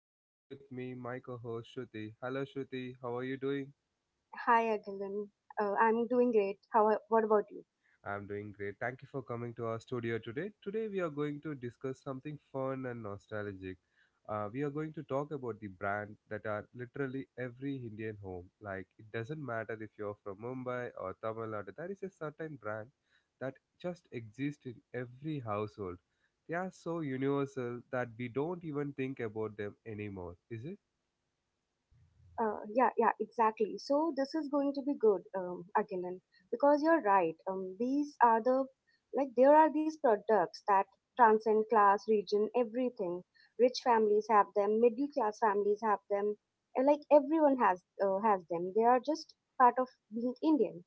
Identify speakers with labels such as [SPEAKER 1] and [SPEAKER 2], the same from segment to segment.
[SPEAKER 1] and join with me my co-host Shruti. Hello Shruti, how are you doing?
[SPEAKER 2] Hi, Agilan. I'm doing great. What about you?
[SPEAKER 1] I'm doing great. Thank you for coming to our studio today. Today, we are going to discuss something fun and nostalgic. We are going to talk about the brand that are literally every Indian home. Like, it doesn't matter if you're from Mumbai or Tamil Nadu, there is a certain brand that just exists in every household. They are so universal that we don't even think about them anymore, is it?
[SPEAKER 2] Yeah, exactly. So this is going to be good, Agilan, because you're right. These are the, there are these products that transcend class, region, everything. Rich families have them. Middle class families have them. And like everyone has them. They are just part of being Indian.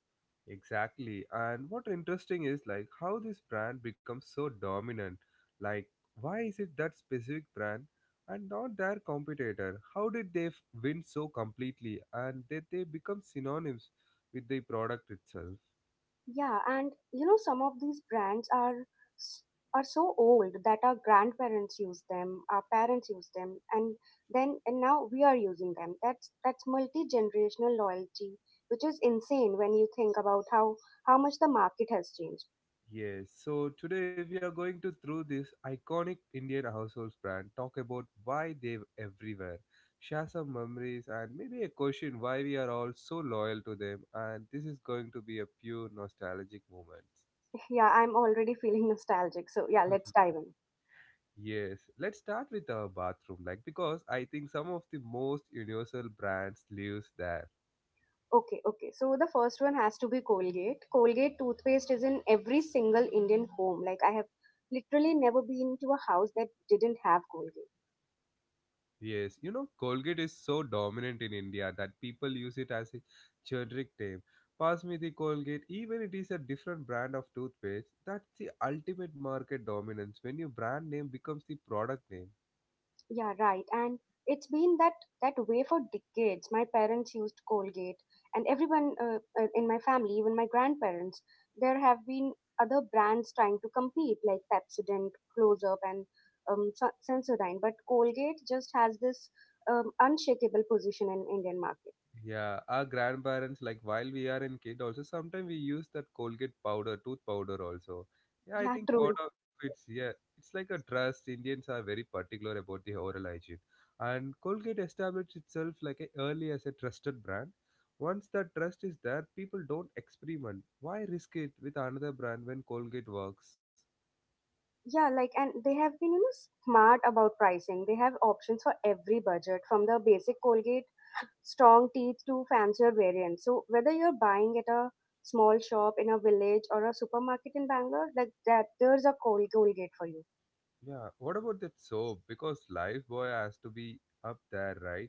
[SPEAKER 1] Exactly. And what interesting is like how this brand becomes so dominant. Like why is it that specific brand and not their competitor? How did win so completely and did they become synonyms with the product itself?
[SPEAKER 2] Yeah, and you know some of these brands are s- are so old that our grandparents use them, our parents use them, and then and now we are using them. That's multi-generational loyalty, which is insane when you think about how much the market has changed.
[SPEAKER 1] Yes. So today we are going to through this iconic Indian household brand, talk about why they everywhere, share some memories and maybe a question why we are all so loyal to them and this is going to be a pure nostalgic moment.
[SPEAKER 2] Yeah, I'm already feeling nostalgic. So yeah,
[SPEAKER 1] Mhm.
[SPEAKER 2] let's dive in.
[SPEAKER 1] Yes, let's start with our bathroom, like because I think some of the most universal brands lives there.
[SPEAKER 2] Okay. So the first one has to be Colgate. Colgate toothpaste is in every single Indian home. Like I have literally never been to a house that didn't have Colgate.
[SPEAKER 1] Yes, you know Colgate is so dominant in India that people use it as a generic name. Pass me the Colgate, even it is a different brand of toothpaste. That's the ultimate market dominance when your brand name becomes the product name.
[SPEAKER 2] Yeah, right. And it's been that way for decades. My parents used Colgate, and everyone in my family, even my grandparents, there have been other brands trying to compete like Pepsodent, Close Up, and Sensodyne. But Colgate just has this unshakable position in Indian market.
[SPEAKER 1] Yeah, our grandparents, like while we are in kid, also sometimes we use that Colgate powder, tooth powder also. Yeah, I
[SPEAKER 2] Yeah,
[SPEAKER 1] think part
[SPEAKER 2] true.
[SPEAKER 1] of it's yeah, it's like a trust. Indians are very particular about the oral hygiene, and Colgate established itself like a, early as a trusted brand. Once that trust is there, people don't experiment. Why risk it with another brand when Colgate works?
[SPEAKER 2] Yeah, like, and they have been, you know, smart about pricing. They have options for every budget, from the basic Colgate strong teeth to fancier variants. So whether you're buying at a small shop in a village or a supermarket in Bangalore, like that Colgate for you.
[SPEAKER 1] Yeah, what about that soap? Because Lifebuoy has to be up there, right?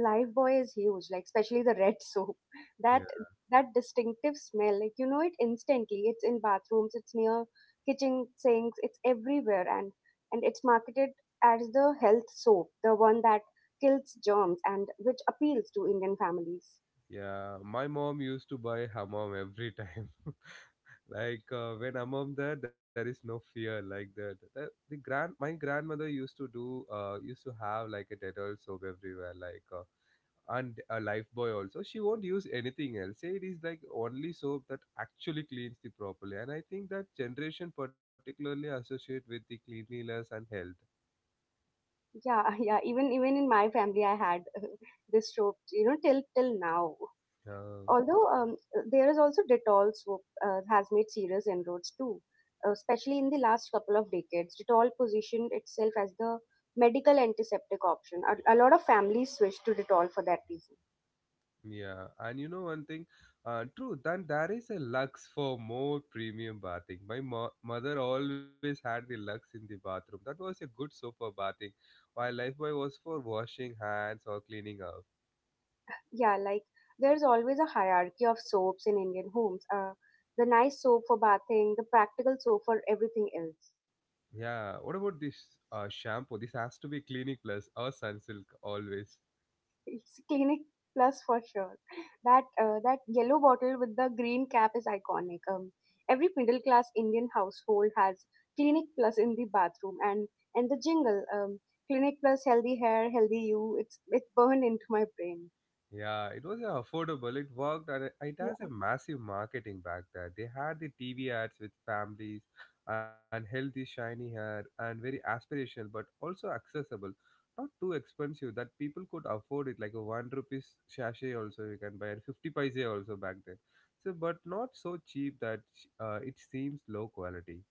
[SPEAKER 2] Life Boy is huge, like especially the red soap. That
[SPEAKER 1] Yeah.
[SPEAKER 2] that distinctive smell, like you know it instantly. It's in bathrooms, it's near kitchen sinks, it's everywhere, and it's marketed as the health soap, the one that kills germs and which appeals to Indian families.
[SPEAKER 1] Yeah, my mom used to buy hammam every time. Like when hammam there, there is no fear like that. The grand my grandmother used to do used to have like a Dettol soap everywhere, and a Lifebuoy also. She won't use anything else. Say it is like only soap that actually cleans the properly. And I think that generation particularly associate with the cleanliness and health.
[SPEAKER 2] Yeah, yeah. Even in my family, I had this soap, you know, till now.
[SPEAKER 1] Yeah.
[SPEAKER 2] Although there is also Dettol soap has made serious inroads too, especially in the last couple of decades. Dettol positioned itself as the medical antiseptic option. A lot of families switched to Dettol for that reason.
[SPEAKER 1] Yeah, and you know one thing, true. Then there is a lux for more premium bathing. My mother always had the lux in the bathroom. That was a good soap for bathing, while Lifebuoy was for washing hands or cleaning up.
[SPEAKER 2] Yeah, like there's always a hierarchy of soaps in Indian homes. The nice soap for bathing, the practical soap for everything else.
[SPEAKER 1] Yeah, what about this shampoo? This has to be Clinic Plus or Sunsilk always.
[SPEAKER 2] It's Clinic Plus for sure. That yellow bottle with the green cap is iconic. Every middle class Indian household has Clinic Plus in the bathroom, and the jingle, Clinic Plus healthy hair, healthy you. It's burned into my brain.
[SPEAKER 1] Yeah, it was affordable. It worked, and it has a massive marketing back there. They had the TV ads with families and healthy, shiny hair, and very aspirational, but also accessible. Not too expensive that people could afford it, like a one rupees sachet also you can buy, and 50 paise also back then. So, but not so cheap that it seems low quality.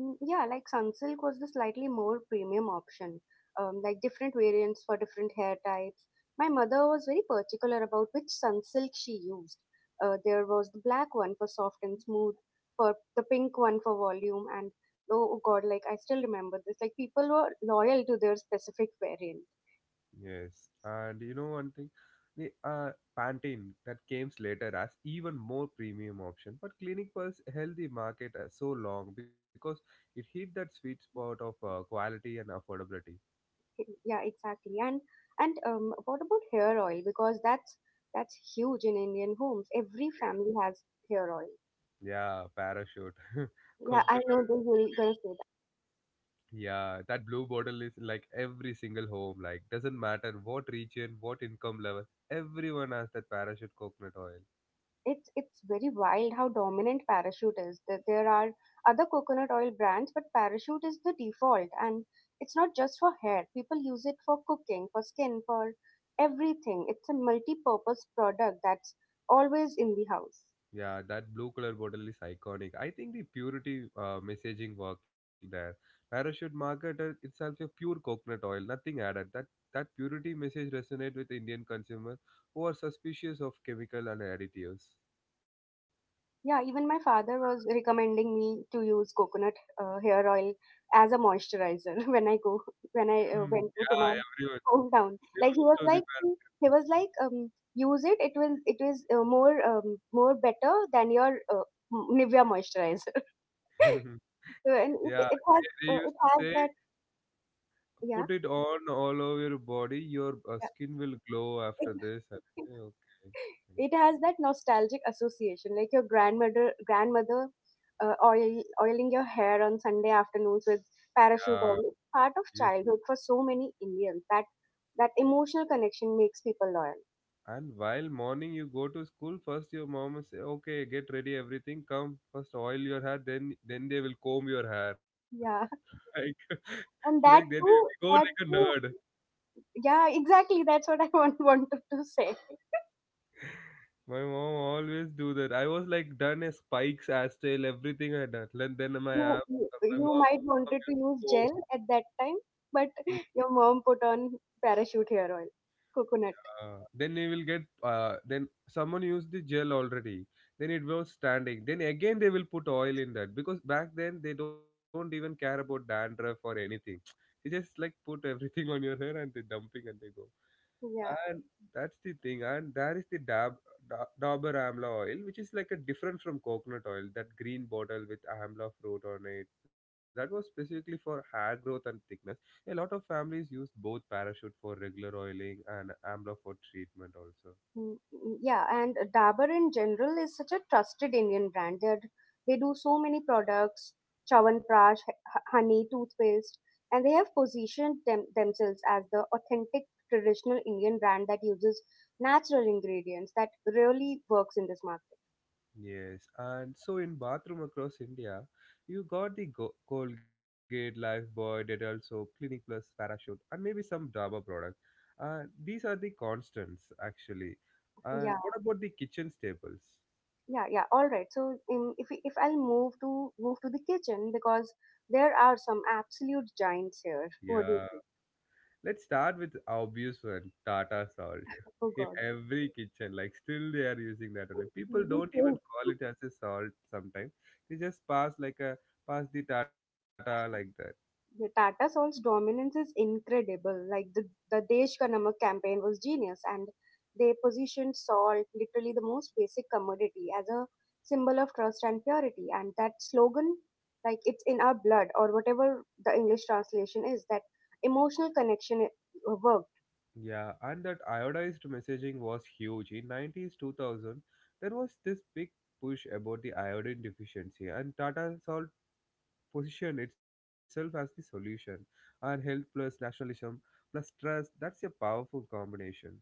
[SPEAKER 2] Mm, yeah, like Sunsilk was the slightly more premium option, like different variants for different hair types. My mother was very particular about which Sunsilk she used. There was the black one for soft and smooth, for the pink one for volume, and oh god, like I still remember this. Like people were loyal to their specific variant.
[SPEAKER 1] Yes, and you know one thing, the Pantene that came later as even more premium option, but Clinic Plus held the market so long because it hit that sweet spot of quality and affordability.
[SPEAKER 2] Yeah, exactly. And What about hair oil? Because that's huge in Indian homes. Every family has hair oil.
[SPEAKER 1] Yeah, parachute,
[SPEAKER 2] Yeah, I know
[SPEAKER 1] coconut.
[SPEAKER 2] they will gonna say
[SPEAKER 1] Yeah, that blue bottle is in, like every single home. Like doesn't matter what region, what income level, everyone has that parachute coconut oil.
[SPEAKER 2] it's very wild how dominant parachute is, that there are other coconut oil brands but parachute is the default, and it's not just for hair, people use it for cooking, for skin, for everything. It's a multi-purpose product that's always in the house.
[SPEAKER 1] Yeah, that blue color bottle is iconic. I think the purity messaging worked there. Parachute market itself a pure coconut oil, nothing added. That purity message resonated with Indian consumers who are suspicious of chemical and additives.
[SPEAKER 2] Yeah, even my father was recommending me to use coconut hair oil as a moisturizer when I
[SPEAKER 1] Hmm,
[SPEAKER 2] went to
[SPEAKER 1] yeah,
[SPEAKER 2] my
[SPEAKER 1] everyone.
[SPEAKER 2] hometown.
[SPEAKER 1] Still most
[SPEAKER 2] Like he
[SPEAKER 1] of
[SPEAKER 2] was
[SPEAKER 1] the
[SPEAKER 2] like use it. It will it is more better than your Nivea moisturizer.
[SPEAKER 1] par-
[SPEAKER 2] So,
[SPEAKER 1] Yeah, they used
[SPEAKER 2] it
[SPEAKER 1] to
[SPEAKER 2] has
[SPEAKER 1] say,
[SPEAKER 2] that yeah,
[SPEAKER 1] put it on all over your body. Your
[SPEAKER 2] yeah,
[SPEAKER 1] skin will glow after this. I say, okay.
[SPEAKER 2] it has that nostalgic association, like your grandmother oiling your hair on Sunday afternoons with
[SPEAKER 1] Yeah,
[SPEAKER 2] parachute oil. It's part
[SPEAKER 1] yeah.
[SPEAKER 2] of childhood for so many Indians that that emotional connection makes people loyal.
[SPEAKER 1] And while morning you go to school, first your mom will say, "Okay, get ready, everything. Come first, oil your hair. Then they will comb your hair.
[SPEAKER 2] Yeah,
[SPEAKER 1] Like, like
[SPEAKER 2] and
[SPEAKER 1] then
[SPEAKER 2] that
[SPEAKER 1] they go
[SPEAKER 2] too
[SPEAKER 1] like a
[SPEAKER 2] that
[SPEAKER 1] nerd.
[SPEAKER 2] too yeah, exactly, that's what I wanted to say.
[SPEAKER 1] My mom always do that. I was like done as spikes, as tail, everything I done. And then my
[SPEAKER 2] you,
[SPEAKER 1] aunt,
[SPEAKER 2] you
[SPEAKER 1] my
[SPEAKER 2] you
[SPEAKER 1] mom
[SPEAKER 2] might
[SPEAKER 1] used to
[SPEAKER 2] wanted to
[SPEAKER 1] comb.
[SPEAKER 2] use gel at that time, but your mom put on parachute hair oil, coconut,
[SPEAKER 1] Then they will get then someone used the gel already then it was standing then again they will put oil in that because back then they don't even care about dandruff or anything they just like put everything on your hair and they dumping and they go
[SPEAKER 2] yeah.
[SPEAKER 1] and that's the thing and there is the dabur amla oil which is like a different from coconut oil, that green bottle with amla fruit on it, that was specifically for hair growth and thickness. A lot of families use both parachute for regular oiling and amla for treatment also.
[SPEAKER 2] Mm, mm, yeah, and Dabur in general is such a trusted Indian brand. They do so many products, Chyawanprash, honey, toothpaste, and they have positioned themselves as the authentic traditional Indian brand that uses natural ingredients that really works in this market.
[SPEAKER 1] Yes, and so in bathroom across India, you got the Colgate, Lifebuoy, Dettol soap, Clinic Plus, Parachute, and maybe some Dabur product. These are the constants actually. And
[SPEAKER 2] Yeah,
[SPEAKER 1] what about the kitchen staples?
[SPEAKER 2] yeah. All right. So if we- if I'll move to the kitchen because there are some absolute giants here. What do
[SPEAKER 1] Yeah,
[SPEAKER 2] you think?
[SPEAKER 1] let's start with obvious one, Tata salt.
[SPEAKER 2] Oh
[SPEAKER 1] In
[SPEAKER 2] God.
[SPEAKER 1] every kitchen, like still they are using that only. People don't even
[SPEAKER 2] Mhm.
[SPEAKER 1] call it as a salt sometimes. They just pass the Tata like that.
[SPEAKER 2] The Tata Sons' dominance is incredible. The Desh Ka Namak campaign was genius, and they positioned salt, literally the most basic commodity, as a symbol of trust and purity. And that slogan, like it's in our blood, or whatever the English translation is, that emotional connection works.
[SPEAKER 1] Yeah, and that iodized messaging was huge. In 90s 2000, there was this big push about the iodine deficiency, and Tata Salt positioned itself as the solution. And health plus nationalism plus trust, that's a powerful combination.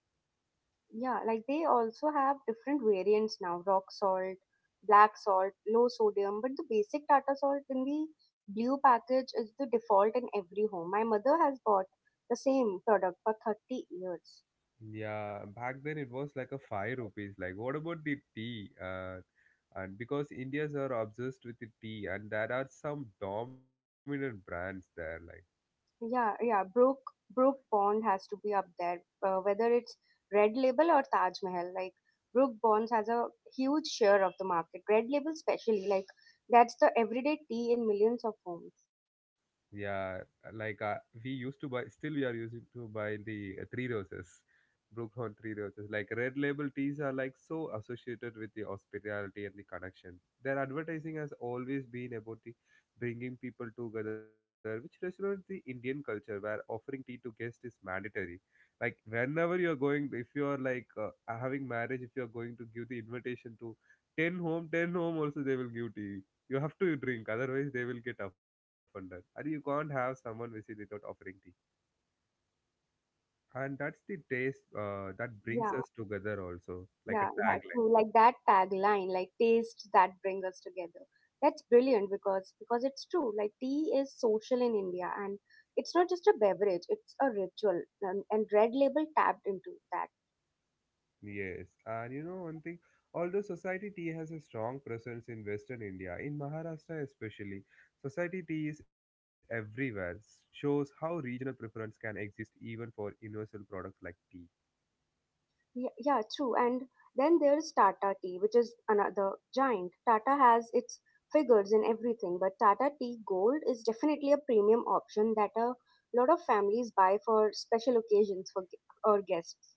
[SPEAKER 2] Yeah, like they also have different variants now, rock salt, black salt, low sodium, but the basic Tata salt in the blue package is the default in every home. My mother has bought the same product for 30 years.
[SPEAKER 1] Yeah, back then it was like a 5 rupees. Like, what about the tea? And because Indians are obsessed with the tea, and there are some dominant brands there. Like.
[SPEAKER 2] Yeah, Brook Bond has to be up there, whether it's Red Label or Taj Mahal. Like Brook Bonds has a huge share of the market. Red Label, specially, like that's the everyday tea in millions of homes.
[SPEAKER 1] Yeah, like uh, we used to buy, still we are using to buy the Three Roses, Brookhorn Three Roses. Like red label teas are like so associated with the hospitality and the connection. Their advertising has always been about the bringing people together, which resonates the Indian culture where offering tea to guests is mandatory. Like whenever you're going, if you're like having marriage, if you're going to give the invitation to 10 home, ten home also they will give tea. You have to drink, otherwise they will get offended. And you can't have someone visit without offering tea. And that's the taste that brings
[SPEAKER 2] Yeah.
[SPEAKER 1] us together also, like a
[SPEAKER 2] Yeah, yeah,
[SPEAKER 1] tagline.
[SPEAKER 2] true. Like that tagline, like taste that brings us together. That's brilliant because it's true. Like tea is social in India, and it's not just a beverage; it's a ritual. And Red Label tapped into that.
[SPEAKER 1] Yes. And you know one thing, although society tea has a strong presence in Western India, in Maharashtra especially, society tea is everywhere. Shows how regional preference can exist even for universal products like tea.
[SPEAKER 2] Yeah, true. And then there is Tata Tea, which is another giant. Tata has its figures and everything, but Tata Tea Gold is definitely a premium option that a lot of families buy for special occasions for gu- or guests.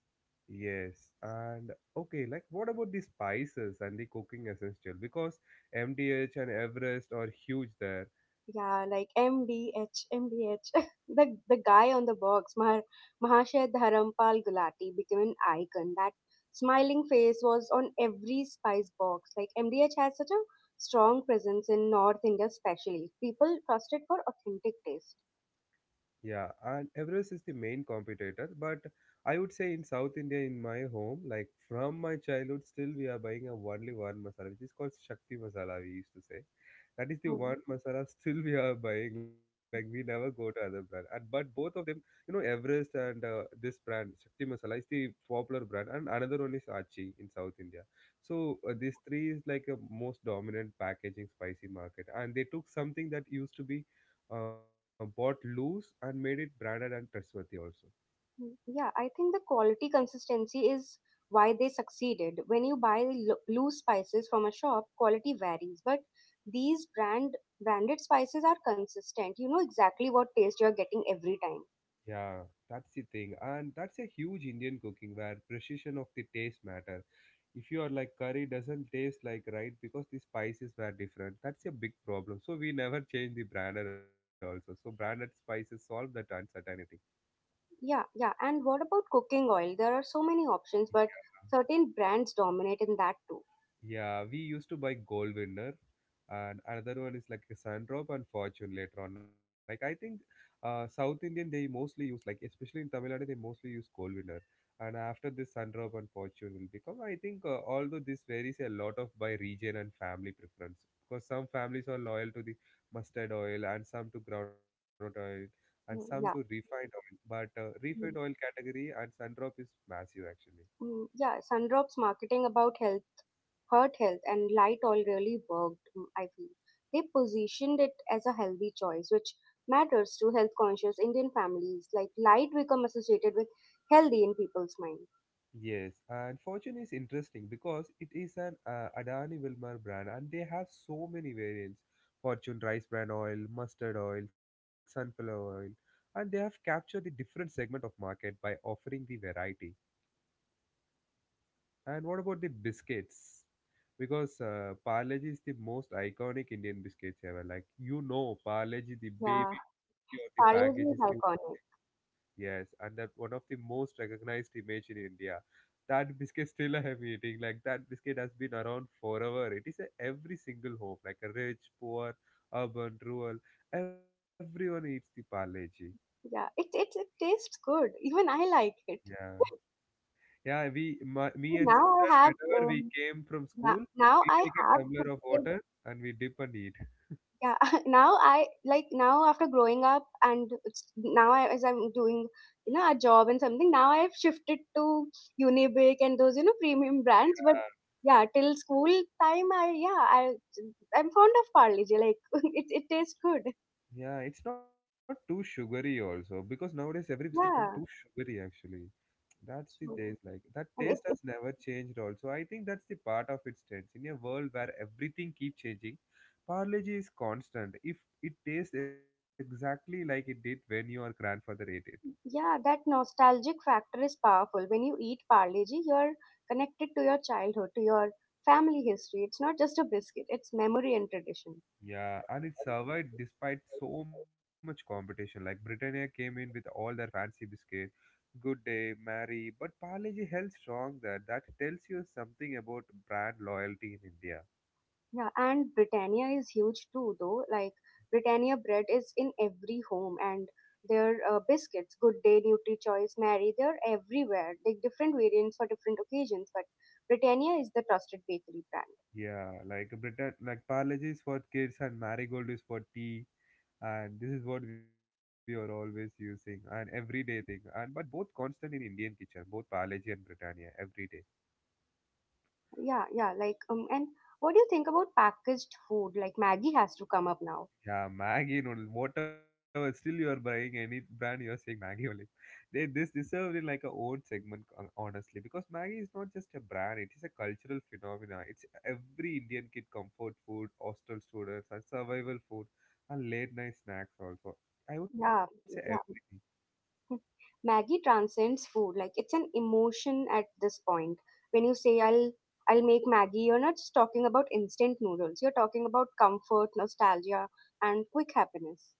[SPEAKER 1] Yes, and okay, like what about the spices and the cooking essential? Because MTH and Everest are huge there.
[SPEAKER 2] Yeah, like MDH, the guy on the box, Mahashay Dharampal Gulati, became an icon. That smiling face was on every spice box. Like MDH has such a strong presence in North India, especially. People trust it for authentic taste.
[SPEAKER 1] Yeah, and Everest is the main competitor, but I would say in South India, in my home, like from my childhood, still we are buying a only one masala, which is called Shakti masala. We used to say that is the
[SPEAKER 2] Hmm.
[SPEAKER 1] one masala still we are buying. Like we never go to other brand, and but both of them, you know, Everest and this brand Shakti masala is the popular brand, and another one is Achi in South India. So these three is like a most dominant packaging spicy market, and they took something that used to be bought loose and made it branded and trustworthy also.
[SPEAKER 2] Mm, yeah, I think the quality consistency is why they succeeded. When you buy loose spices from a shop, quality varies, but these branded spices are consistent. You know exactly what taste you're getting every time.
[SPEAKER 1] Yeah, that's the thing. And that's a huge Indian cooking where precision of the taste matter. If you are like curry doesn't taste like right because the spices were different. That's a big problem. So we never change the branded also. So branded spices solve that uncertainty.
[SPEAKER 2] Yeah, yeah. And what about cooking oil? There are so many options, but certain brands dominate in that too.
[SPEAKER 1] Yeah, we used to buy Gold Winner, and another one is like a Sundrop and Fortune later on. Like I think, South Indian they mostly use like especially in Tamil Nadu they mostly use Gold Winner, and after this Sundrop and Fortune will become. I think although this varies a lot of by region and family preference because some families are loyal to the mustard oil and some to groundnut oil and some to
[SPEAKER 2] Mm, yeah.
[SPEAKER 1] refined oil, but refined oil
[SPEAKER 2] Mm,
[SPEAKER 1] category and Sundrop is massive actually.
[SPEAKER 2] mm, yeah, Sundrop's marketing about health, Heart Health and Light Oil really worked, mm, I feel. They positioned it as a healthy choice, which matters to health conscious Indian families. Like light become associated with healthy in people's mind.
[SPEAKER 1] Yes, and Fortune is interesting because it is an Adani Wilmar brand and they have so many variants. Fortune rice bran oil, mustard oil, sunflower oil, and they have captured the different segment of market by offering the variety. And what about the biscuits? Because Parleji is the most iconic Indian biscuits ever. Like you know, Parleji, the
[SPEAKER 2] Yeah,
[SPEAKER 1] baby or the package is the
[SPEAKER 2] Parle-G is iconic.
[SPEAKER 1] Yes, and that one of the most recognized image in India. That biscuit still I am eating. Like that biscuit has been around forever. It is a every single home, like a rich, poor, urban, rural. Everyone eats the Parleji.
[SPEAKER 2] Yeah, it tastes good. Even I like it.
[SPEAKER 1] Yeah, yeah. Me and
[SPEAKER 2] Now I
[SPEAKER 1] sister,
[SPEAKER 2] have
[SPEAKER 1] whenever we
[SPEAKER 2] um,
[SPEAKER 1] came from school,
[SPEAKER 2] Now
[SPEAKER 1] we
[SPEAKER 2] I
[SPEAKER 1] take a
[SPEAKER 2] have
[SPEAKER 1] tumbler of
[SPEAKER 2] shifted.
[SPEAKER 1] water and we dip and eat.
[SPEAKER 2] Yeah, now I like, now after growing up now I, as I'm doing, you know, a job and something, now I've shifted to Unibic and those, you know, premium brands, but
[SPEAKER 1] Yeah,
[SPEAKER 2] yeah, till school time, I yeah I I'm fond of Parle G, like it tastes good,
[SPEAKER 1] yeah. It's not too sugary also, because nowadays every biscuit comes too
[SPEAKER 2] yeah,
[SPEAKER 1] sugary actually. That's the
[SPEAKER 2] true.
[SPEAKER 1] taste, like that
[SPEAKER 2] And it,
[SPEAKER 1] taste
[SPEAKER 2] it
[SPEAKER 1] has never changed. Also, I think that's the part of its strength. In a world where everything keeps changing, Parle G is constant. If it tastes exactly like it did when your grandfather ate it,
[SPEAKER 2] Yeah, that nostalgic factor is powerful. When you eat Parle G, you're connected to your childhood, to your family history. It's not just a biscuit, it's memory and tradition.
[SPEAKER 1] yeah, and it survived despite so much competition. Like Britannia came in with all their fancy biscuit, Good Day, Mary, but Parle G held strong there. That tells you something about brand loyalty in India.
[SPEAKER 2] Yeah, and Britannia is huge too, though. Like, Britannia bread is in every home, and their biscuits, Good Day, Nutri Choice, Mary, they're everywhere. Like, different variants for different occasions, but Britannia is the trusted bakery brand.
[SPEAKER 1] Yeah, like Britain, like Parle G is for kids and Marigold is for tea, and this is what we are always using, an everyday thing. And but both constant in Indian kitchen, both Palaji and Britannia every day.
[SPEAKER 2] Yeah, yeah. And what do you think about packaged food? Like, Maggie has to come up now.
[SPEAKER 1] Yeah, Maggie noodle, whatever, still you are buying any brand, you are saying Maggie only. They, this deserved in like a own segment, honestly, because Maggie is not just a brand, it is a cultural phenomena. It's every Indian kid comfort food, hostel students and survival food, and late night snacks also, I would say,
[SPEAKER 2] Yeah,
[SPEAKER 1] everything.
[SPEAKER 2] yeah. Maggie transcends food. Like it's an emotion at this point. When you say I'll make Maggie, you're not just talking about instant noodles. You're talking about comfort, nostalgia, and quick happiness.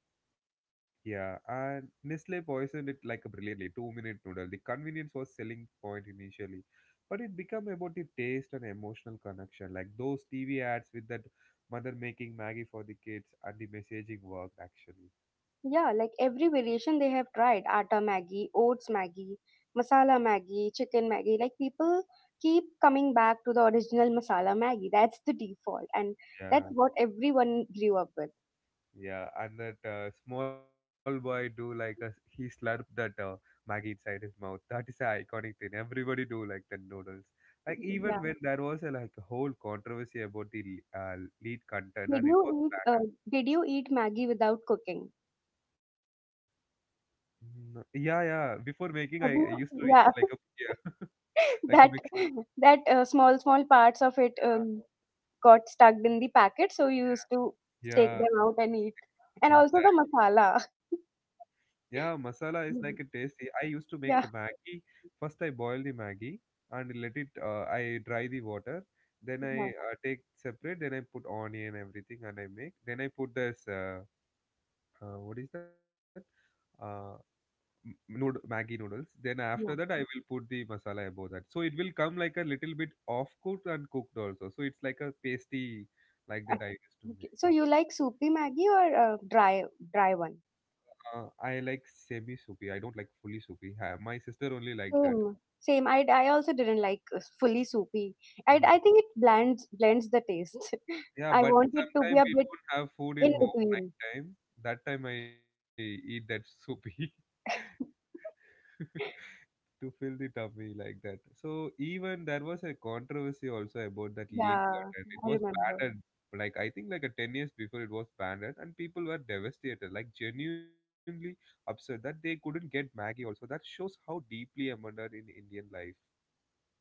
[SPEAKER 1] Yeah, and Nestle poisoned it like a brilliantly 2-minute noodle. The convenience was selling point initially, but it became about the taste and emotional connection, like those TV ads with that mother making Maggie for the kids, and the messaging worked actually.
[SPEAKER 2] Yeah, like every variation they have tried, atta Maggie, oats Maggie, masala Maggie, chicken Maggie. Like people keep coming back to the original masala Maggie. That's the default, and that's
[SPEAKER 1] Yeah,
[SPEAKER 2] what everyone grew up with.
[SPEAKER 1] yeah, and that small boy do like a he slurped that Maggie inside his mouth. That is an iconic thing. Everybody do like the noodles. Like
[SPEAKER 2] Yeah.
[SPEAKER 1] even when there was a like a whole controversy about the uh, lead content,
[SPEAKER 2] Did
[SPEAKER 1] and it was
[SPEAKER 2] you eat? Uh,
[SPEAKER 1] bad.
[SPEAKER 2] did you eat Maggie without cooking?
[SPEAKER 1] No. Yeah, yeah. Before making, I
[SPEAKER 2] Have
[SPEAKER 1] used
[SPEAKER 2] you,
[SPEAKER 1] to eat like a
[SPEAKER 2] yeah.
[SPEAKER 1] yeah, like a
[SPEAKER 2] That
[SPEAKER 1] mix.
[SPEAKER 2] that small parts of it got stuck in the packet, so you used to take
[SPEAKER 1] Yeah,
[SPEAKER 2] them out and eat, and
[SPEAKER 1] exactly.
[SPEAKER 2] also the masala.
[SPEAKER 1] Yeah, masala is like a
[SPEAKER 2] Mhm.
[SPEAKER 1] tasty. I used to make
[SPEAKER 2] yeah
[SPEAKER 1] Maggi. First, I boil the Maggi and let it. I dry the water. Then
[SPEAKER 2] yeah
[SPEAKER 1] I take separate. Then I put onion everything and I make. Then I put this. What is that? Uh, m- nood Maggi noodles. Then after
[SPEAKER 2] yeah
[SPEAKER 1] that, I will put the masala above that. So it will come like a little bit off cooked and cooked also. So it's like a pasty like
[SPEAKER 2] Uh,
[SPEAKER 1] that I used to
[SPEAKER 2] okay.
[SPEAKER 1] make.
[SPEAKER 2] So you like soupy maggi or dry one?
[SPEAKER 1] I like semi soupy. I don't like fully soupy. My sister only like that.
[SPEAKER 2] Same same I also didn't like fully soupy. i
[SPEAKER 1] Yeah,
[SPEAKER 2] i think it blends the taste.
[SPEAKER 1] yeah,
[SPEAKER 2] I
[SPEAKER 1] but
[SPEAKER 2] want it to be
[SPEAKER 1] sometimes
[SPEAKER 2] a
[SPEAKER 1] we
[SPEAKER 2] bit
[SPEAKER 1] don't have food in
[SPEAKER 2] in
[SPEAKER 1] home
[SPEAKER 2] between.
[SPEAKER 1] night time. That time I eat that soupy. To fill the tummy like that. So even there was a controversy also about that lean
[SPEAKER 2] Yeah,
[SPEAKER 1] cotton. It
[SPEAKER 2] I
[SPEAKER 1] was
[SPEAKER 2] remember.
[SPEAKER 1] banned, like I think like a 10 years before it was banned, and people were devastated, like genuinely upset that they couldn't get Maggie also. That shows how deeply embedded in Indian life.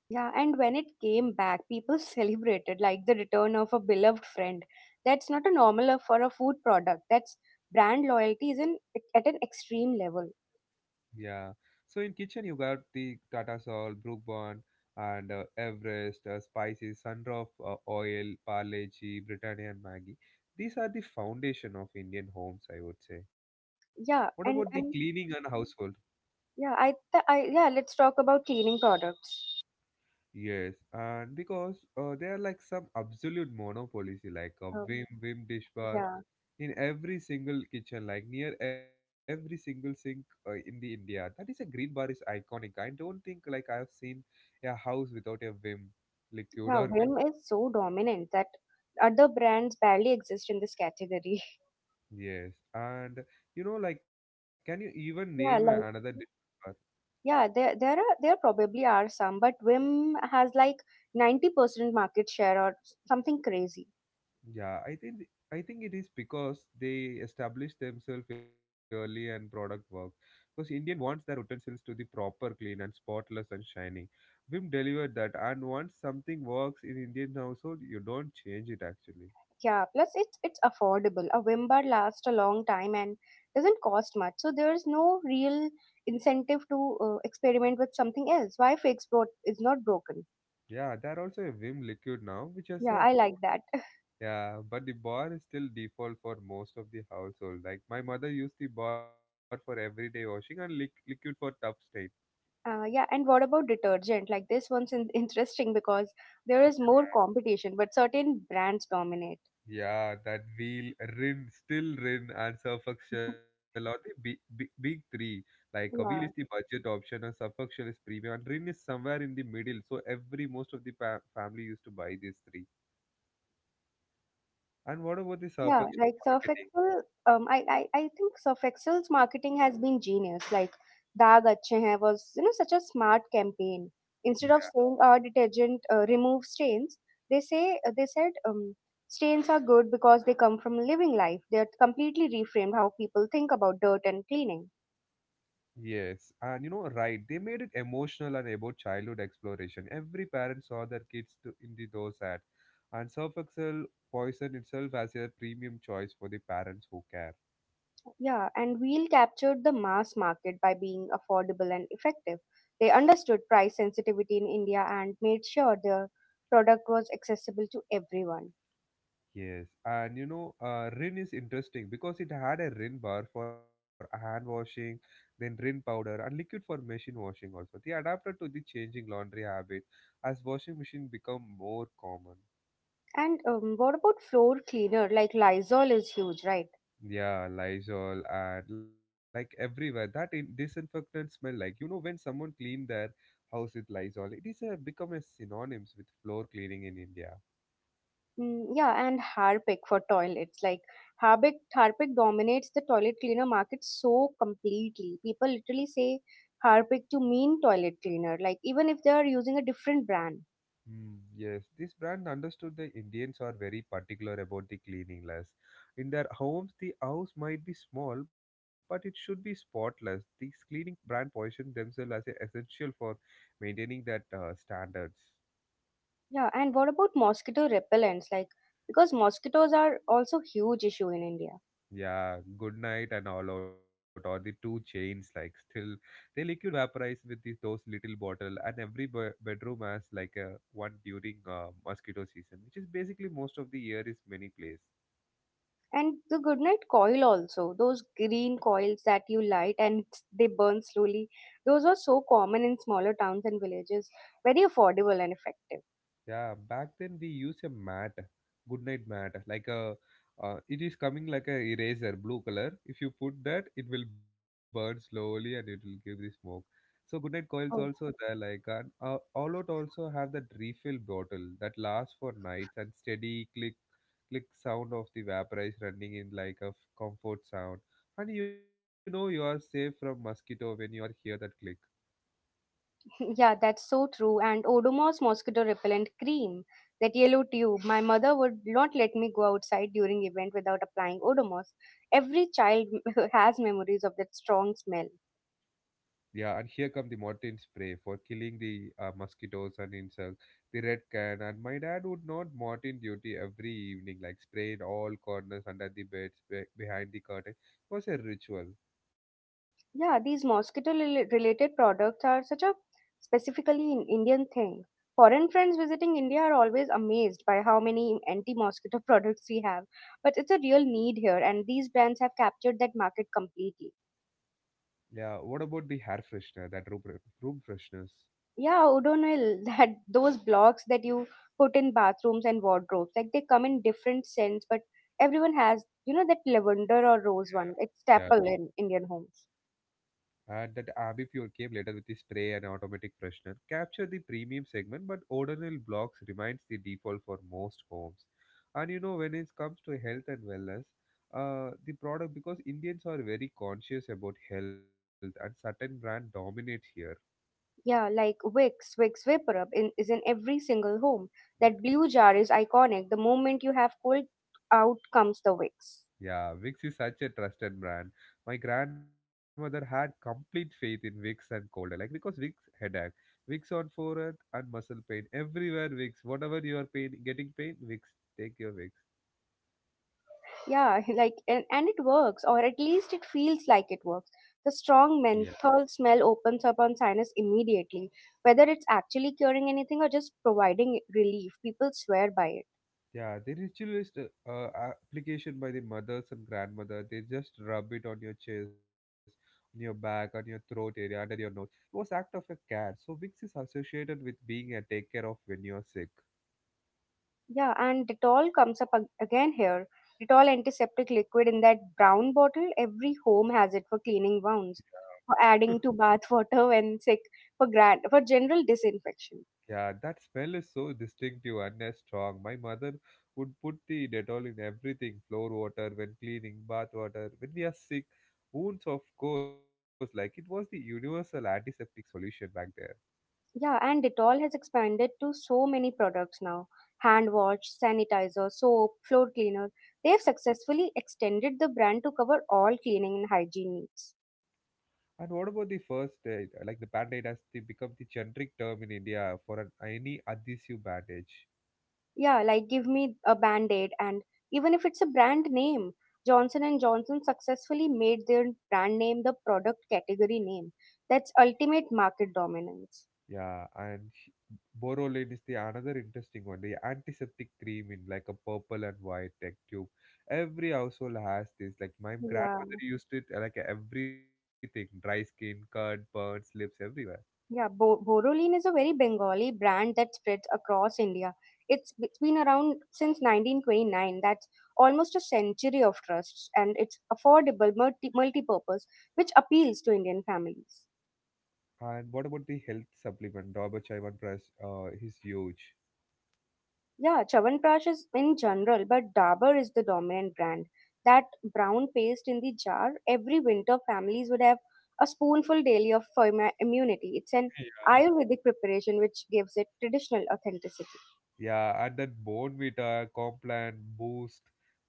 [SPEAKER 2] Yeah, and when it came back, people celebrated like the return of a beloved friend. That's not a normal for a food product. That's brand loyalty is in at an extreme level.
[SPEAKER 1] Yeah. So in kitchen you got the Tata Salt, Brook Bond, and Everest, spices, Sunroof oil, Parleji, Britannia and Maggi. These are the foundation of Indian homes, I would say. What about the
[SPEAKER 2] Yeah,
[SPEAKER 1] cleaning and
[SPEAKER 2] and
[SPEAKER 1] household?
[SPEAKER 2] yeah, I, th- I yeah, let's talk about cleaning products.
[SPEAKER 1] Yes, and because they are like some absolute monopolies, like a
[SPEAKER 2] Um,
[SPEAKER 1] Vim dish bar
[SPEAKER 2] yeah,
[SPEAKER 1] in every single kitchen, like near every single sink in the India. That is a green bar is iconic. I don't think like I have seen a house without a Vim liquid
[SPEAKER 2] yeah,
[SPEAKER 1] or Vim.
[SPEAKER 2] Vim is so dominant that other brands barely exist in this category.
[SPEAKER 1] Yes. And you know, like, can you even name another
[SPEAKER 2] Yeah,
[SPEAKER 1] dish?
[SPEAKER 2] like yeah, there probably are some, but Vim has like 90% market share or something crazy.
[SPEAKER 1] Yeah, I think it is because they establish themselves early and product work. Because Indian wants their utensils to be proper, clean, and spotless and shining. Vim delivered that, and once something works in Indian household, you don't change it actually.
[SPEAKER 2] Yeah, plus it's affordable. A Wim lasts a long time and doesn't cost much, so there's no real incentive to experiment with something else. Why fix what is not broken?
[SPEAKER 1] Yeah, there are also a Vim liquid now, which has
[SPEAKER 2] Yeah,
[SPEAKER 1] a
[SPEAKER 2] I like that.
[SPEAKER 1] yeah, but the bar is still default for most of the household. Like my mother used the bar for everyday washing and liquid for tough stains.
[SPEAKER 2] Yeah, and what about detergent? Like this one's interesting because there is more competition, but certain brands dominate.
[SPEAKER 1] Yeah, that wheel, Rin, still Rin, and Suffolk Shell are the big, big, big three. Like a wheel is the
[SPEAKER 2] Yeah.
[SPEAKER 1] budget option, and Suffolk Shell is premium, and Rin is somewhere in the middle. So every most of the family used to buy these three. And what about the
[SPEAKER 2] Yeah,
[SPEAKER 1] Suffolk Shell
[SPEAKER 2] like Surf
[SPEAKER 1] marketing?
[SPEAKER 2] Excel. I think Surf Excel's marketing has been genius. Like Daag Acche Hain was, you know, such a smart campaign. Instead of
[SPEAKER 1] Yeah.
[SPEAKER 2] saying our detergent remove stains, they said stains are good because they come from living life. They are completely reframed how people think about dirt and cleaning.
[SPEAKER 1] Yes, and you know, right, they made it emotional and about childhood exploration. Every parent saw their kids to, in the those ads, and Surf Excel poisoned itself as a premium choice for the parents who care.
[SPEAKER 2] Yeah, and Wheel captured the mass market by being affordable and effective. They understood price sensitivity in India and made sure their product was accessible to everyone.
[SPEAKER 1] Yes, and you know, Rin is interesting because it had a Rin bar for hand washing, then Rin powder, and liquid for machine washing also. They adapted to the changing laundry habit as washing machine become more common.
[SPEAKER 2] And what about floor cleaner? Like Lysol is huge, right?
[SPEAKER 1] Yeah, Lysol and like everywhere that in disinfectant smell, like you know when someone clean their house with Lysol, it is a, become a synonyms with floor cleaning in India.
[SPEAKER 2] Mm, yeah, and Harpic for toilets. Like Harpic dominates the toilet cleaner market so completely. People literally say Harpic to mean toilet cleaner, like even if they are using a different brand.
[SPEAKER 1] Hmm. Yes, this brand understood the Indians are very particular about the cleanliness. In their homes, the house might be small, but it should be spotless. These cleaning brand position themselves as a essential for maintaining that standards.
[SPEAKER 2] Yeah, and what about mosquito repellents? Like because mosquitoes are also huge issue in India.
[SPEAKER 1] Yeah, good night and all out, or the two chains like still they liquid vaporize with these those little bottle, and every bedroom has like a one during mosquito season, which is basically most of the year is many place.
[SPEAKER 2] And the goodnight coil also, those green coils that you light and they burn slowly, those are so common in smaller towns and villages, very affordable and effective.
[SPEAKER 1] Yeah, back then we use a mat, goodnight mat, like a it is coming like a eraser, blue color. If you put that, it will burn slowly and it will give the smoke. So goodnight coils
[SPEAKER 2] Oh,
[SPEAKER 1] also there, like, and all out also have that refill bottle that lasts for nights and steady click click sound of the vaporize running in like a comfort sound. And you know you are safe from mosquito when you are hear that click.
[SPEAKER 2] yeah, that's so true. And Odomos mosquito repellent cream, that yellow tube. My mother would not let me go outside during event without applying Odomos. Every child has memories of that strong smell.
[SPEAKER 1] Yeah, and here come the Mortin spray for killing the mosquitoes and insects. The red can, and my dad would not Mortin duty every evening, like sprayed all corners under the beds, behind the curtain. It was a ritual.
[SPEAKER 2] Yeah, these mosquito related products are such a specifically an Indian thing. Foreign friends visiting India are always amazed by how many anti mosquito products we have. But it's a real need here, and these brands have captured that market completely.
[SPEAKER 1] Yeah, what about the hair freshener, that room freshness?
[SPEAKER 2] Yeah, Odonil, that those blocks that you put in bathrooms and wardrobes, like they come in different scents, but everyone has, you know, that lavender or rose one. It's staple in Indian homes.
[SPEAKER 1] And that Ambipure came later with the spray and automatic freshener, capture the premium segment, but Odonil blocks remains the default for most homes. And you know, when it comes to health and wellness, the product, because Indians are very conscious about health, and certain brand dominates here.
[SPEAKER 2] Yeah, like Wicks Vapor Up in, is in every single home. That blue jar is iconic. The moment you have cold, out comes the Wicks.
[SPEAKER 1] Yeah, Vicks is such a trusted brand. My grandmother had complete faith in Vicks and cold, like because Vicks headache, Vicks on forehead and muscle pain. Everywhere Vicks, whatever you are pain, getting pain, Vicks, take your Vicks.
[SPEAKER 2] Yeah, like and it works, or at least it feels like it works. The
[SPEAKER 1] Yeah,
[SPEAKER 2] strong menthol smell opens up on sinus immediately, whether it's actually curing anything or just providing relief. People swear by it.
[SPEAKER 1] yeah. The ritualist application by the mothers and grandmother, they just rub it on your chest, on your back, on your throat area, under your nose. It was act of a care. So Vicks is associated with being a take care of when you're sick.
[SPEAKER 2] Yeah, and Dettol comes up again here. Dettol antiseptic liquid in that brown bottle, every home has it for cleaning wounds, for adding to bath water when sick, for grand, for general disinfection.
[SPEAKER 1] Yeah, that smell is so distinctive and strong. My mother would put the Dettol in everything, floor water when cleaning, bath water when we are sick, wounds, of course. Like it was the universal antiseptic solution back there.
[SPEAKER 2] Yeah, and Dettol has expanded to so many products now. Hand wash, sanitizer, soap, floor cleaner. They have successfully extended the brand to cover all cleaning and hygiene needs.
[SPEAKER 1] And what about the first aid? Like the band aid has the, become the generic term in India for an any adhesive bandage.
[SPEAKER 2] Yeah, like give me a band-aid, and even if it's a brand name, Johnson and Johnson successfully made their brand name the product category name. That's ultimate market dominance.
[SPEAKER 1] Yeah, and Borolane is the another interesting one. The antiseptic cream in like a purple and white tech tube. Every household has this. Like my
[SPEAKER 2] yeah
[SPEAKER 1] grandmother used it like everything: dry skin, cut, burns, lips, everywhere.
[SPEAKER 2] yeah Boroline is a very Bengali brand that spreads across India. It's been around since 1929. That's almost a century of trusts, and it's affordable, multi-purpose, which appeals to Indian families.
[SPEAKER 1] And what about the health supplement? Dabur Chaiwan Press is huge.
[SPEAKER 2] Yeah, Chyawanprash is in general, but Dabur is the dominant brand. That brown paste in the jar, every winter families would have a spoonful daily of for immunity. It's an Ayurvedic preparation which gives it traditional authenticity.
[SPEAKER 1] Yeah, and then Bonvita, Complan, Boost,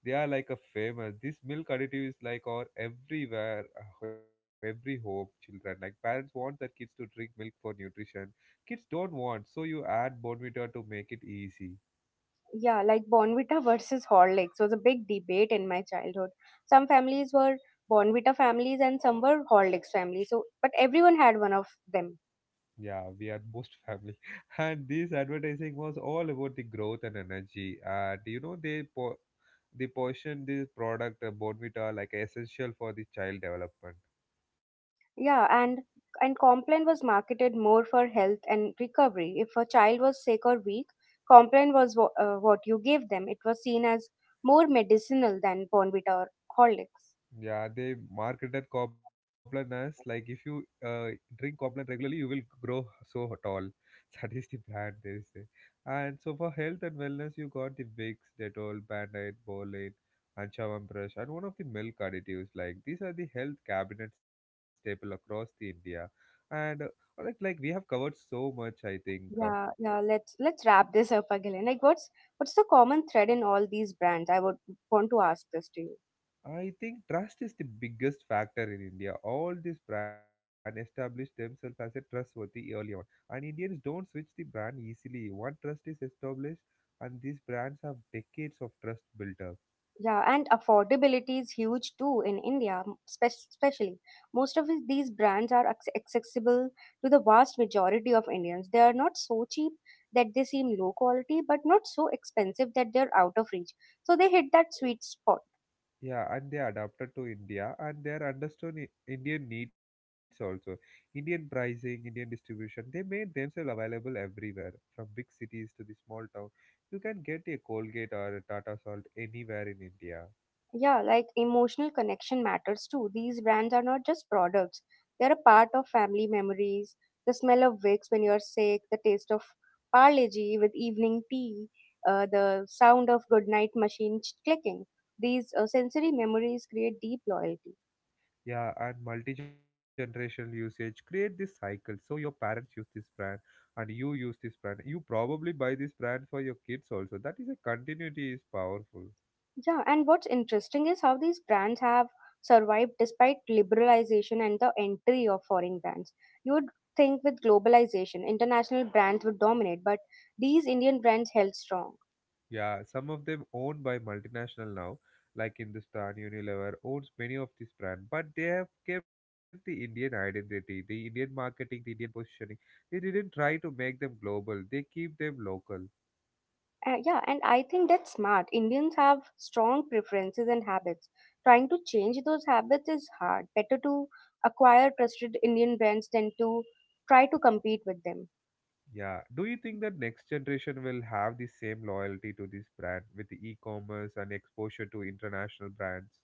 [SPEAKER 1] they are like a famous. This milk additive is like our everywhere, every home children. Like parents want their kids to drink milk for nutrition. Kids don't want, so you add Bonvita to make it easy.
[SPEAKER 2] Yeah, like Bonvita versus Horlicks was a big debate in my childhood. Some families were Bonvita families and some were Horlicks families. So, but everyone had one of them.
[SPEAKER 1] Yeah, we are most family. And this advertising was all about the growth and energy. And you know, they portion this product, Bonvita, like essential for the child development.
[SPEAKER 2] Yeah, and Complan was marketed more for health and recovery. If a child was sick or weak, Complan was what you gave them. It was seen as more medicinal than Bonvita or Horlicks.
[SPEAKER 1] Yeah, they marketed Copland as like, if you drink Copland regularly, you will grow so tall. That is the brand they say. And so for health and wellness, you got the Vicks, Dettol, Band-Aid, Bolane, and Chyawanprash, and one of the milk additives. Like these are the health cabinet staple across the India. And like we have covered so much, I think.
[SPEAKER 2] Yeah. Let's wrap this up again. Like, what's the common thread in all these brands? I would want to ask this to you.
[SPEAKER 1] I think trust is the biggest factor in India. All these brands establish themselves as a trustworthy early on, and Indians don't switch the brand easily. One trust is established, and these brands have decades of trust built up.
[SPEAKER 2] Yeah, and affordability is huge too in India, spe especially. Most of these brands are accessible to the vast majority of Indians. They are not so cheap that they seem low quality, but not so expensive that they're out of reach. So they hit that sweet spot.
[SPEAKER 1] Yeah, and they adapted to India, and they are understood Indian needs also. Indian pricing, Indian distribution. They made themselves available everywhere, from big cities to the small town. You can get a Colgate or a Tata Salt anywhere in India.
[SPEAKER 2] Yeah, like emotional connection matters too. These brands are not just products, they're a part of family memories. The smell of Vicks when you're sick, the taste of Parleji with evening tea, the sound of goodnight machine clicking. These sensory memories create deep loyalty.
[SPEAKER 1] Yeah, and multi-generational usage create this cycle. So your parents use this brand and you use this brand, you probably buy this brand for your kids also. That is a continuity is powerful.
[SPEAKER 2] Yeah, and what's interesting is how these brands have survived despite liberalization and the entry of foreign brands. You would think with globalization, international brands would dominate, but these Indian brands held strong.
[SPEAKER 1] Yeah, some of them owned by multinational now, like Hindustan Unilever owns many of this brand, but they have kept the Indian identity, the Indian marketing, the Indian positioning. They didn't try to make them global, they keep them local.
[SPEAKER 2] Yeah, and I think that's smart. Indians have strong preferences and habits. Trying to change those habits is hard. Better to acquire trusted Indian brands than to try to compete with them.
[SPEAKER 1] Yeah. Do you think that next generation will have the same loyalty to this brand with the e-commerce and exposure to international brands?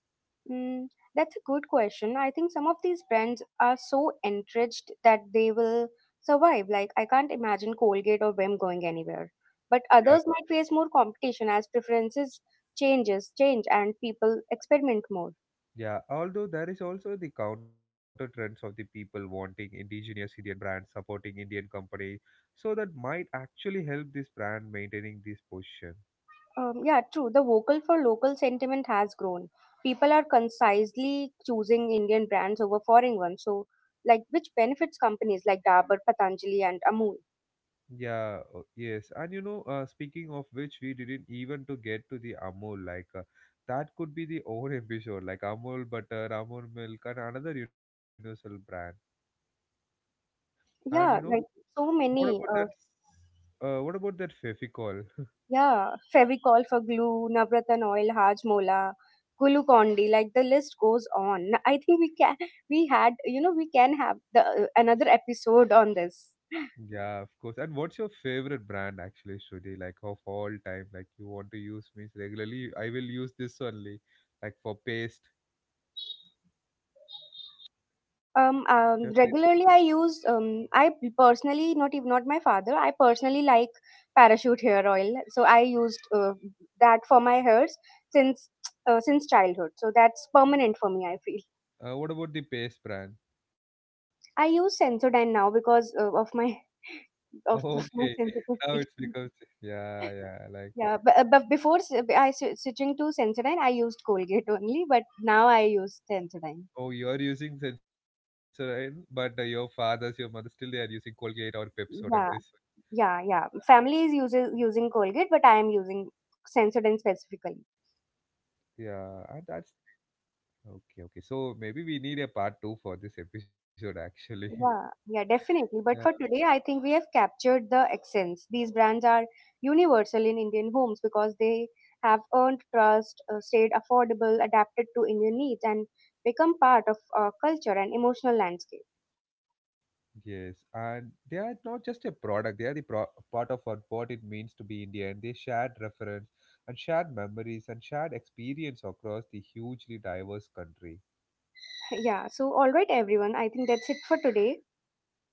[SPEAKER 2] Mm, that's a good question. I think some of these brands are so entrenched that they will survive. Like, I can't imagine Colgate or Vim going anywhere. But
[SPEAKER 1] Yeah.
[SPEAKER 2] others might face more competition as preferences change and people experiment more.
[SPEAKER 1] Yeah. Although there is also the counter trends of the people wanting indigenous Indian brands supporting Indian companies, so that might actually help this brand maintaining this position.
[SPEAKER 2] Yeah, true. The vocal for local sentiment has grown. People are concisely choosing Indian brands over foreign ones. So, like, which benefits companies like Dabur, Patanjali, and Amul.
[SPEAKER 1] Yeah, yes. And you know, speaking of which, we didn't even to get to the Amul. Like that could be the own episode, like Amul butter, Amul milk, and another universal brand. And you know,
[SPEAKER 2] Yeah, like so
[SPEAKER 1] what about
[SPEAKER 2] many.
[SPEAKER 1] that? What about that Fevicol?
[SPEAKER 2] Yeah, Fevicol for glue, Navratna oil, Hajmola, Glucondi. Like the list goes on. I think we can. We had. You know, we can have the another episode on this.
[SPEAKER 1] Yeah, of course. And what's your favorite brand actually, Shruti? Like of all time, like you want to use means regularly. I will use this only, like for paste, definitely.
[SPEAKER 2] Regularly I use I personally, not even not my father I personally like Parachute hair oil, so I used that for my hairs since since childhood, so that's permanent for me, I feel.
[SPEAKER 1] What about the paste brand?
[SPEAKER 2] I use Sensodyne now because of my of
[SPEAKER 1] Oh, okay,
[SPEAKER 2] my sensitive
[SPEAKER 1] now it's
[SPEAKER 2] issues.
[SPEAKER 1] because yeah, yeah. Like
[SPEAKER 2] Yeah but before s- I sw- switching to Sensodyne I used Colgate only, but now I use Sensodyne.
[SPEAKER 1] oh, you're using Sensodyne, but your fathers, your mother, still they are using Colgate or Pepsodent. This
[SPEAKER 2] Yeah yeah yeah family is uses using Colgate, but I am using Sensodyne specifically.
[SPEAKER 1] yeah, and that's okay, okay. So maybe we need a part 2 for this episode actually.
[SPEAKER 2] Yeah, yeah,
[SPEAKER 1] Yeah,
[SPEAKER 2] definitely. But for today, I think we have captured the accents. These brands are universal in Indian homes because they have earned trust, stayed affordable, adapted to Indian needs, and become part of our culture and emotional landscape.
[SPEAKER 1] yes. And they are not just a product, they are the part of our, what it means to be Indian. They shared reference and shared memories and shared experience across the hugely diverse country.
[SPEAKER 2] Yeah, so all right, everyone. I think that's it for today.
[SPEAKER 1] Yeah.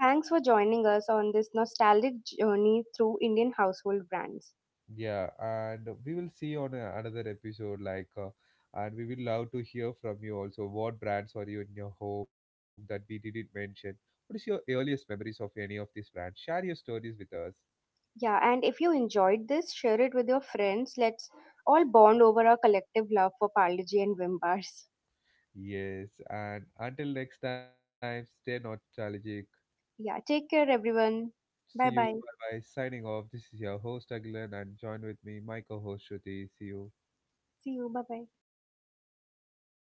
[SPEAKER 2] Thanks for joining us on this nostalgic journey through Indian household brands.
[SPEAKER 1] Yeah, and we will see on another episode. Like, and we will love to hear from you also. What brands are you in your home that we didn't mention? What is your earliest memories of any of these brands? Share your stories with us.
[SPEAKER 2] Yeah, and if you enjoyed this, share it with your friends. Let's all bond over our collective love for Parle G and Vim bars.
[SPEAKER 1] Yes, and until next time, stay nostalgic.
[SPEAKER 2] Yeah, take care, everyone.
[SPEAKER 1] See
[SPEAKER 2] Bye
[SPEAKER 1] you.
[SPEAKER 2] bye.
[SPEAKER 1] Bye bye. Signing off. This is your host Aglan, and join with me, my co-host Shruti. See you.
[SPEAKER 2] See you. Bye bye.